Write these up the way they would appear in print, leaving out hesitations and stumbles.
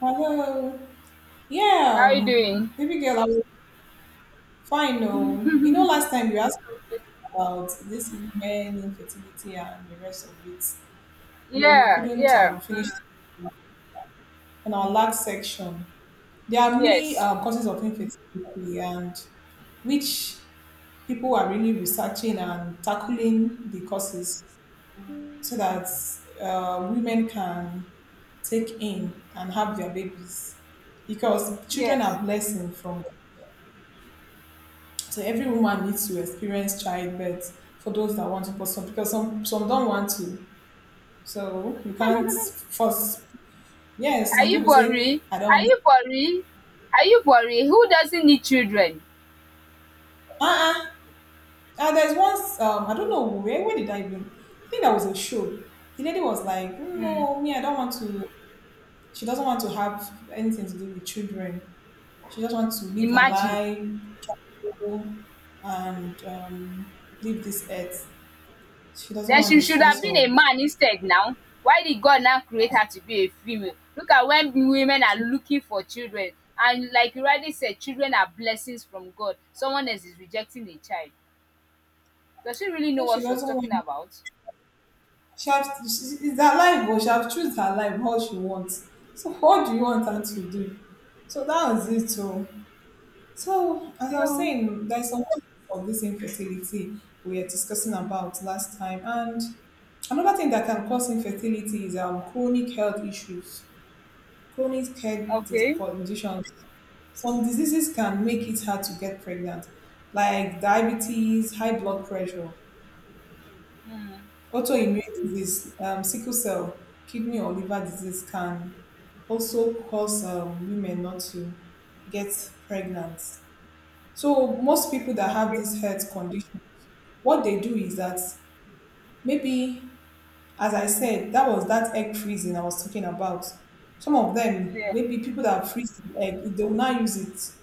Hello. How Yeah, are you doing? Baby girl, I was fine. No, you know, last time you asked me about this men infertility and the rest of it. You know, we Yeah, couldn't yeah. Mm. finish on our last section. There are many Yes, causes of infertility, and which people are really researching and tackling the causes so that women can take in and have their babies because children yes. are blessing from. So every woman needs to experience childbirth for those that want to, but because some don't want to. So you can't Are force. Yes, some you people for say real? I don't Are want. you for real? Are you for real? Who doesn't need children? Uh-uh. There's once I don't know where did I even? I think that was a show. The lady was like, "Mm, no, me I don't want to. She doesn't want to have anything to do with children. She just wants to live her Imagine. life go and leave this earth. She doesn't Then want she the should have stress been a of. man instead now. Why did God now create her to be a female? Look at when women are She, looking for children. And like you already said, children are blessings from God. Someone else is rejecting a child. Does she really know what she she was doesn't talking want. about? She have she it's her life oh, she have choose her life how she wants. So what do you want her to do? So that was it oh. So as I was Yeah. saying, there's some of this infertility we were discussing about last time, and another thing that can cause infertility is chronic health issues, chronic health dis Okay. conditions. Some diseases can make it hard to get pregnant like diabetes, high blood pressure. Mm. Autoimmune disease, sickle cell, kidney or liver disease can also cause women not to get pregnant. So most people that have Okay. these health conditions, what they do is that maybe, as I said, that was that egg freezing I was talking about. Some of them, Yeah. maybe people that freeze the egg, they will not use it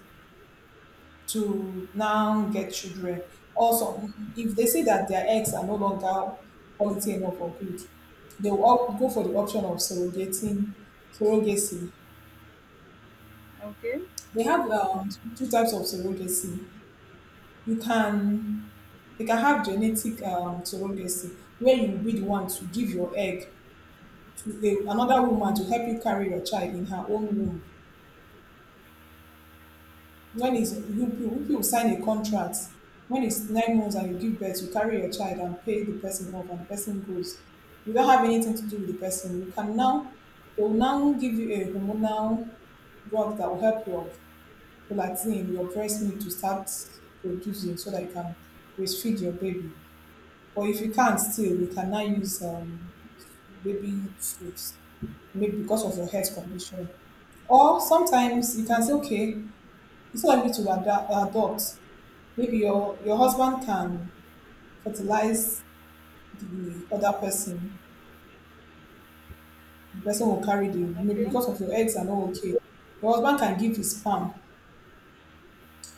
to now get children. Also, if they see that their eggs are no longer quality enough or good, they will go for the option of surrogating, surrogacy. Okay. They have two types of surrogacy. You can they can have genetic surrogacy, where you will be the one to give your egg to a, another woman to help you carry your child in her own womb. When is it's you you sign a contract when it's 9 months and you give birth, you carry your child and pay the person off and the person goes, you don't have anything to do with the person, you can now they will now give you a hormonal drug that will help your prolactin your breast milk to start producing so that you can breastfeed your baby, but if you can't still we can now use baby foods maybe because of your health condition, or sometimes you can say okay it's not me to adapt, adopt. Maybe your husband can fertilize the other person. The person will carry the maybe Okay, because of your eggs are not okay. Your husband can give his sperm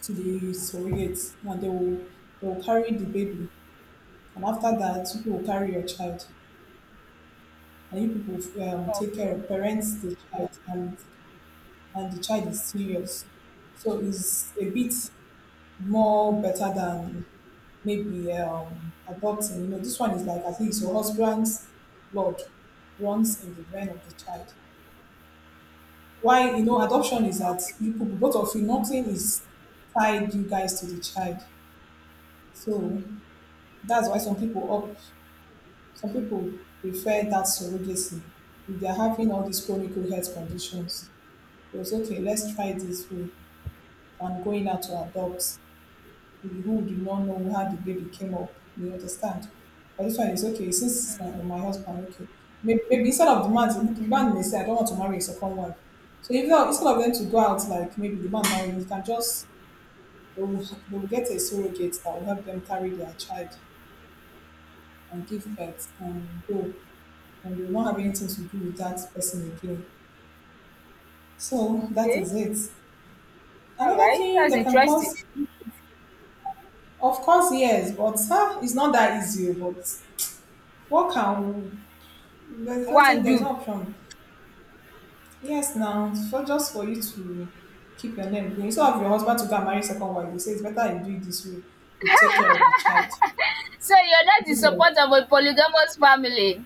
to the surrogate, and they will carry the baby. And after that, people will carry your child, and you people take care okay, of parents, the child, and the child is serious. So it's a bit more better than maybe adopting. You know, this one is like at least your husband's blood runs in the vein of the child. Why you know adoption is that okay, you people both of you nothing is tied you guys to the child. So that's why some people prefer that surrogacy if they are having all these chronic health conditions. It was okay, let's try this way than going out to adopt, we- who do not know how the baby came up. You understand? But this one is okay. Since it's my husband, okay. Maybe instead of the man may say, I don't want to marry a second wife. So if not, instead of them to go out, like maybe the man marrying, you can just, they will get a surrogate that will help them carry their child and give birth and go. And they will not have anything to do with that person again. So that okay. is it. All Another right, thing that's that can interesting. cause, of course, yes, but huh, it's not that easy. But what can. But it's not saying One, there's do. no option. Yes, now, so just for you to keep your name going. Instead of your husband to go and marry second wife, they say it's better you do it this way. You take care of the child. So you're not the Yeah. support of a polygamous family?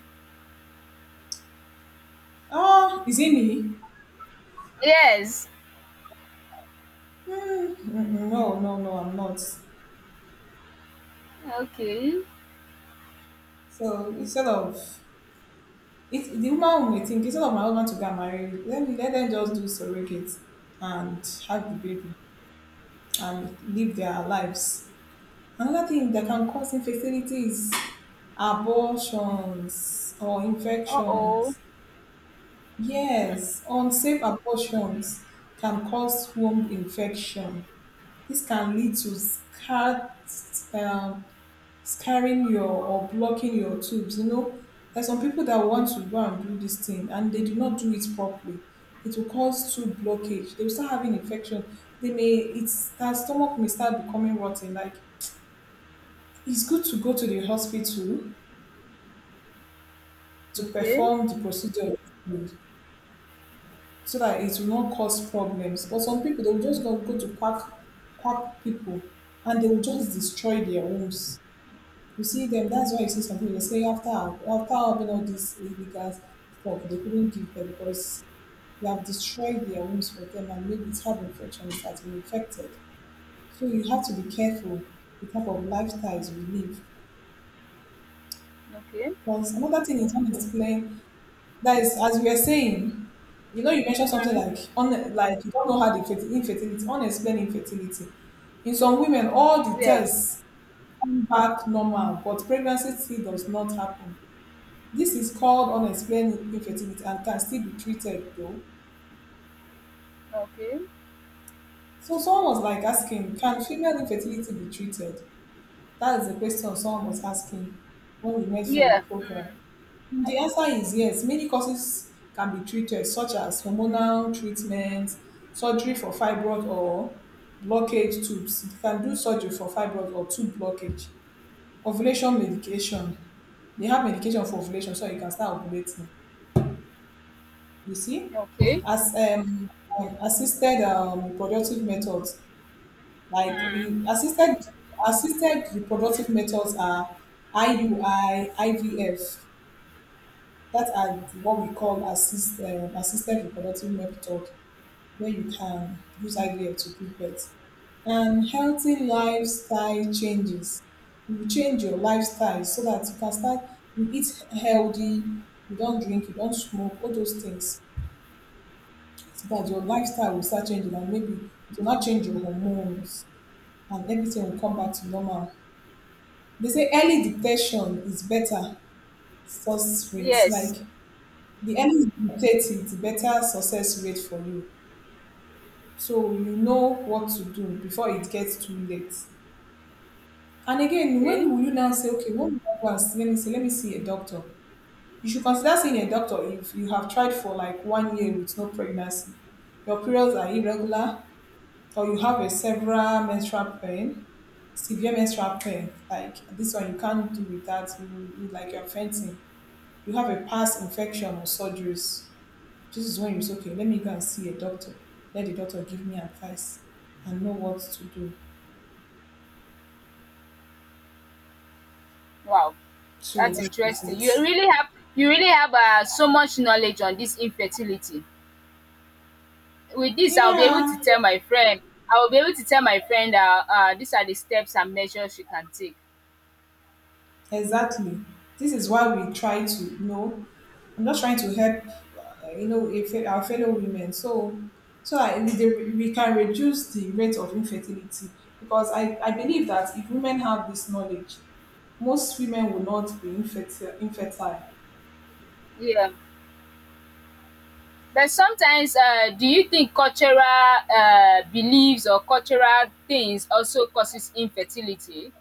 Oh, is it me? Yes. Mm, mm, no, no, no, I'm not. Okay. So instead of it, the woman may think instead of my husband to get married, let me let them just do surrogate and have the baby and live their lives. Another thing that can cause infertility is abortions or Uh oh. infections. Yes, unsafe abortions can cause womb infection. This can lead to scar, um, scarring your or blocking your tubes. You know, there's some people that want to go and do this thing and they do not do it properly. It will cause tube blockage. They will start having infection. They may it's their stomach may start becoming rotten. Like it's good to go to the hospital to Okay. perform the procedure with- so that it will not cause problems. But some people, they'll just go to quack, quack people and they will just destroy their homes. You see them, that's why you see some people, they say after having all this illegal stuff, they couldn't give birth because they have destroyed their homes for them and maybe it's have infection, it has been infected. So you have to be careful the type of lifestyles we live. Okay. Because another thing is unexplained. That is, as we were saying, you know, you mentioned something like un, like you don't know how the infertility, unexplained infertility. In some women, all the Yeah. tests come back normal, but pregnancy still does not happen. This is called unexplained infertility and can still be treated though. Okay. So someone was like asking, can female infertility be treated? That is the question someone was asking when we met for a Yeah. program. Mm. The answer is yes. Many causes can be treated, such as hormonal treatment, surgery for fibroid or blockage tubes. They can do surgery for fibroid or tube blockage. Ovulation medication. They have medication for ovulation, so you can start ovulating. You see, Okay. as assisted reproductive methods, like assisted reproductive methods are IUI, IVF, that are what we call assist, assisted reproductive method where you can use IVF to give birth. And healthy lifestyle changes. You change your lifestyle so that you can start, you eat healthy, you don't drink, you don't smoke, all those things. So that your lifestyle will start changing and maybe it will not change your hormones and everything will come back to normal. They say early detection is better success rate. Like Yes. the earlier you dictate it the better success rate for you, so you know what to do before it gets too late. And again, when Okay. will you now say okay when will I go and see, let me see a doctor. You should consider seeing a doctor if you have tried for like 1 year with no pregnancy, your periods are irregular, or you have a several menstrual pain, severe menstrual pain like this one you can't do without you like you're fainting, you have a past infection or surgeries. This is when you say, okay, let me go and see a doctor. Let the doctor give me advice and know what to do. Wow, So that's that is interesting. You it. really have so much knowledge on this infertility. With this, I'll be able to Yeah, tell my friend I'll be able to tell my friend that these are the steps and measures she can take. exactly. This is why we try to you know. I'm just trying to help, you know, if our fellow women. So, we can reduce the rate of infertility because I believe that if women have this knowledge, most women will not be infertile. Yeah, but sometimes do you think cultural beliefs or cultural things also causes infertility?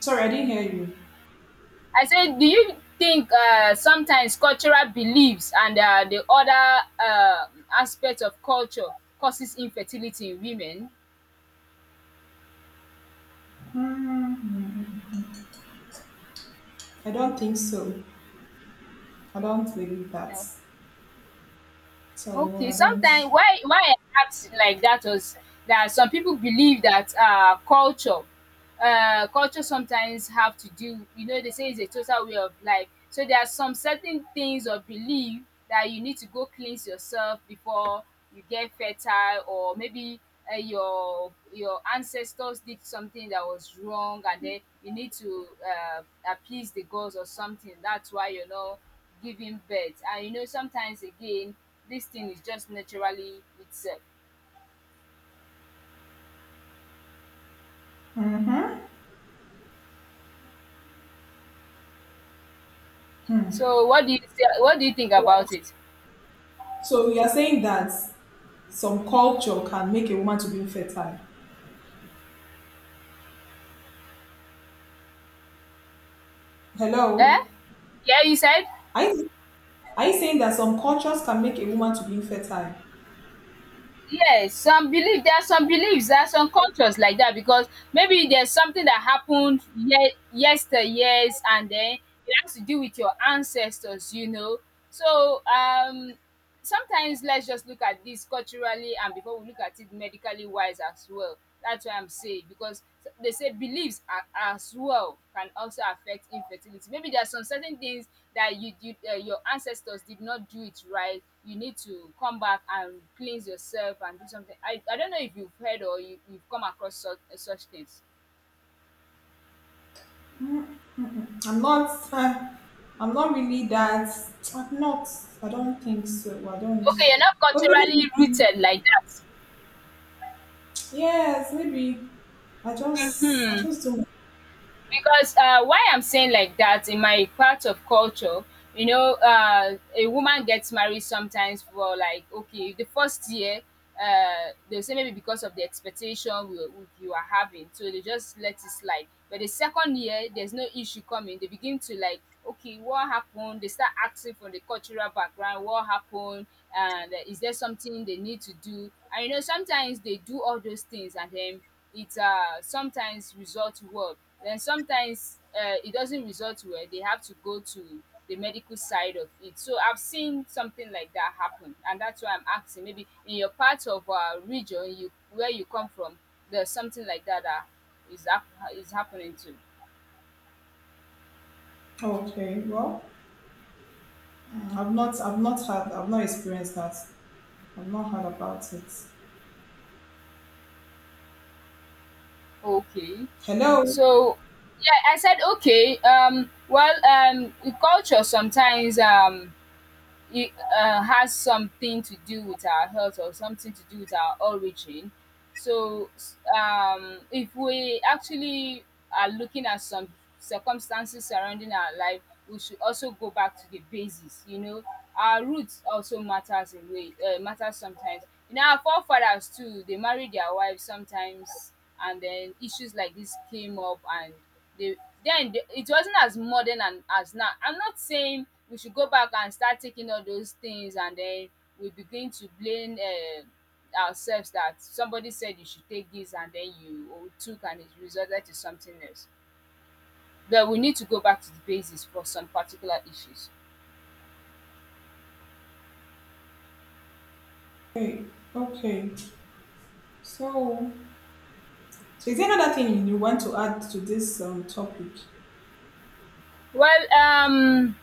Sorry, I didn't hear you. I said, do you think sometimes cultural beliefs and the other aspects of culture causes infertility in women? Hmm, I don't think so. I don't believe that. No. So Okay, I don't. sometimes why I asked like that was that some people believe that culture, culture sometimes have to do, you know, they say it's a total way of life. So there are some certain things or belief that you need to go cleanse yourself before you get fertile, or maybe your ancestors did something that was wrong, and then you need to appease the gods or something. That's why you know giving birth. And you know, sometimes again, this thing is just naturally itself. So, what do you think about it? So you are saying that some culture can make a woman to be infertile. Eh? Hello? Yeah, you said Are you, are you saying that some cultures can make a woman to be infertile? yes. Some believe there are some beliefs, there are some cultures like that because maybe there's something that happened yester years, and then it has to do with your ancestors. You know, so sometimes let's just look at this culturally and before we look at it medically wise as well. That's why I'm saying, because they say beliefs are, as well, can also affect infertility. Maybe there are some certain things that you did, your ancestors did not do it right. You need to come back and cleanse yourself and do something. I don't know if you've heard or you've come across such, such things. I'm not. I'm not really that. I'm not. I don't think so. I don't. Okay, you're not But culturally maybe. rooted like that. Yes, maybe. I just. I Hmm. just don't. Because why I'm saying like that, in my part of culture, you know, a woman gets married sometimes for like okay, the first year, they'll say maybe because of the expectation you are having, so they just let it slide. But the second year, there's no issue coming. They begin to like okay, what happened? They start asking from the cultural background, what happened, and is there something they need to do? And you know, sometimes they do all those things and then it sometimes results well. Then sometimes it doesn't result well. They have to go to the medical side of it. So I've seen something like that happen, and that's why I'm asking. Maybe in your part of region, you where you come from, there's something like that is hap- is happening too. Okay. Well, I've not had. I've not experienced that. I've not heard about it. Okay, Hello. so yeah, I said okay. Well, in culture sometimes it has something to do with our health or something to do with our origin. So, if we actually are looking at some circumstances surrounding our life, we should also go back to the basis. You know, our roots also matters a way, matters sometimes. You know, our forefathers too, they married their wives sometimes, and then issues like this came up and they then the, it wasn't as modern and as now. I'm not saying we should go back and start taking all those things and then we begin to blame, ourselves, that somebody said you should take this and then you oh, took and it resulted to something else. But we need to go back to the basis for some particular issues. Okay, okay. So, so is there another thing you want to add to this topic? Well,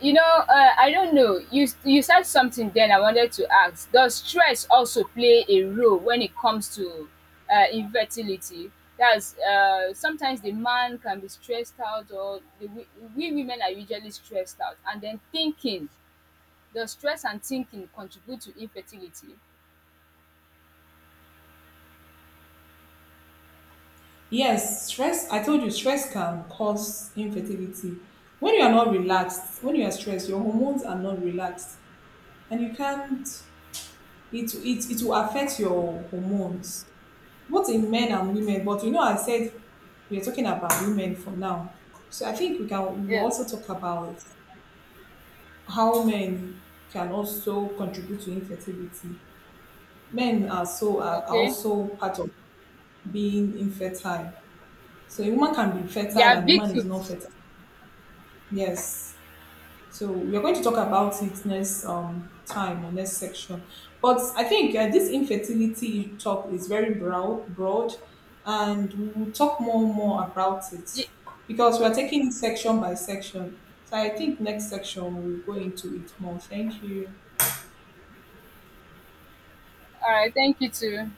You know, I don't know. You said something then I wanted to ask. Does stress also play a role when it comes to infertility? That's sometimes the man can be stressed out, or the, we women are usually stressed out, and then thinking. Does stress and thinking contribute to infertility? Yes, stress. I told you, stress can cause infertility. When you are not relaxed, when you are stressed, your hormones are not relaxed, and you can't. It will affect your hormones, both in men and women. But you know, I said we are talking about women for now, so I think we will Yeah. also talk about how men can also contribute to infertility. Men are so are Okay, also part of being infertile. So a woman can be they fertile are and a man is not victims. fertile. Yes. So we are going to talk about it next time or next section. But I think this infertility talk is very broad, and we'll talk more and more about it Ye- because we are taking it section by section. So I think next section we'll go into it more. Thank you. All right, thank you too.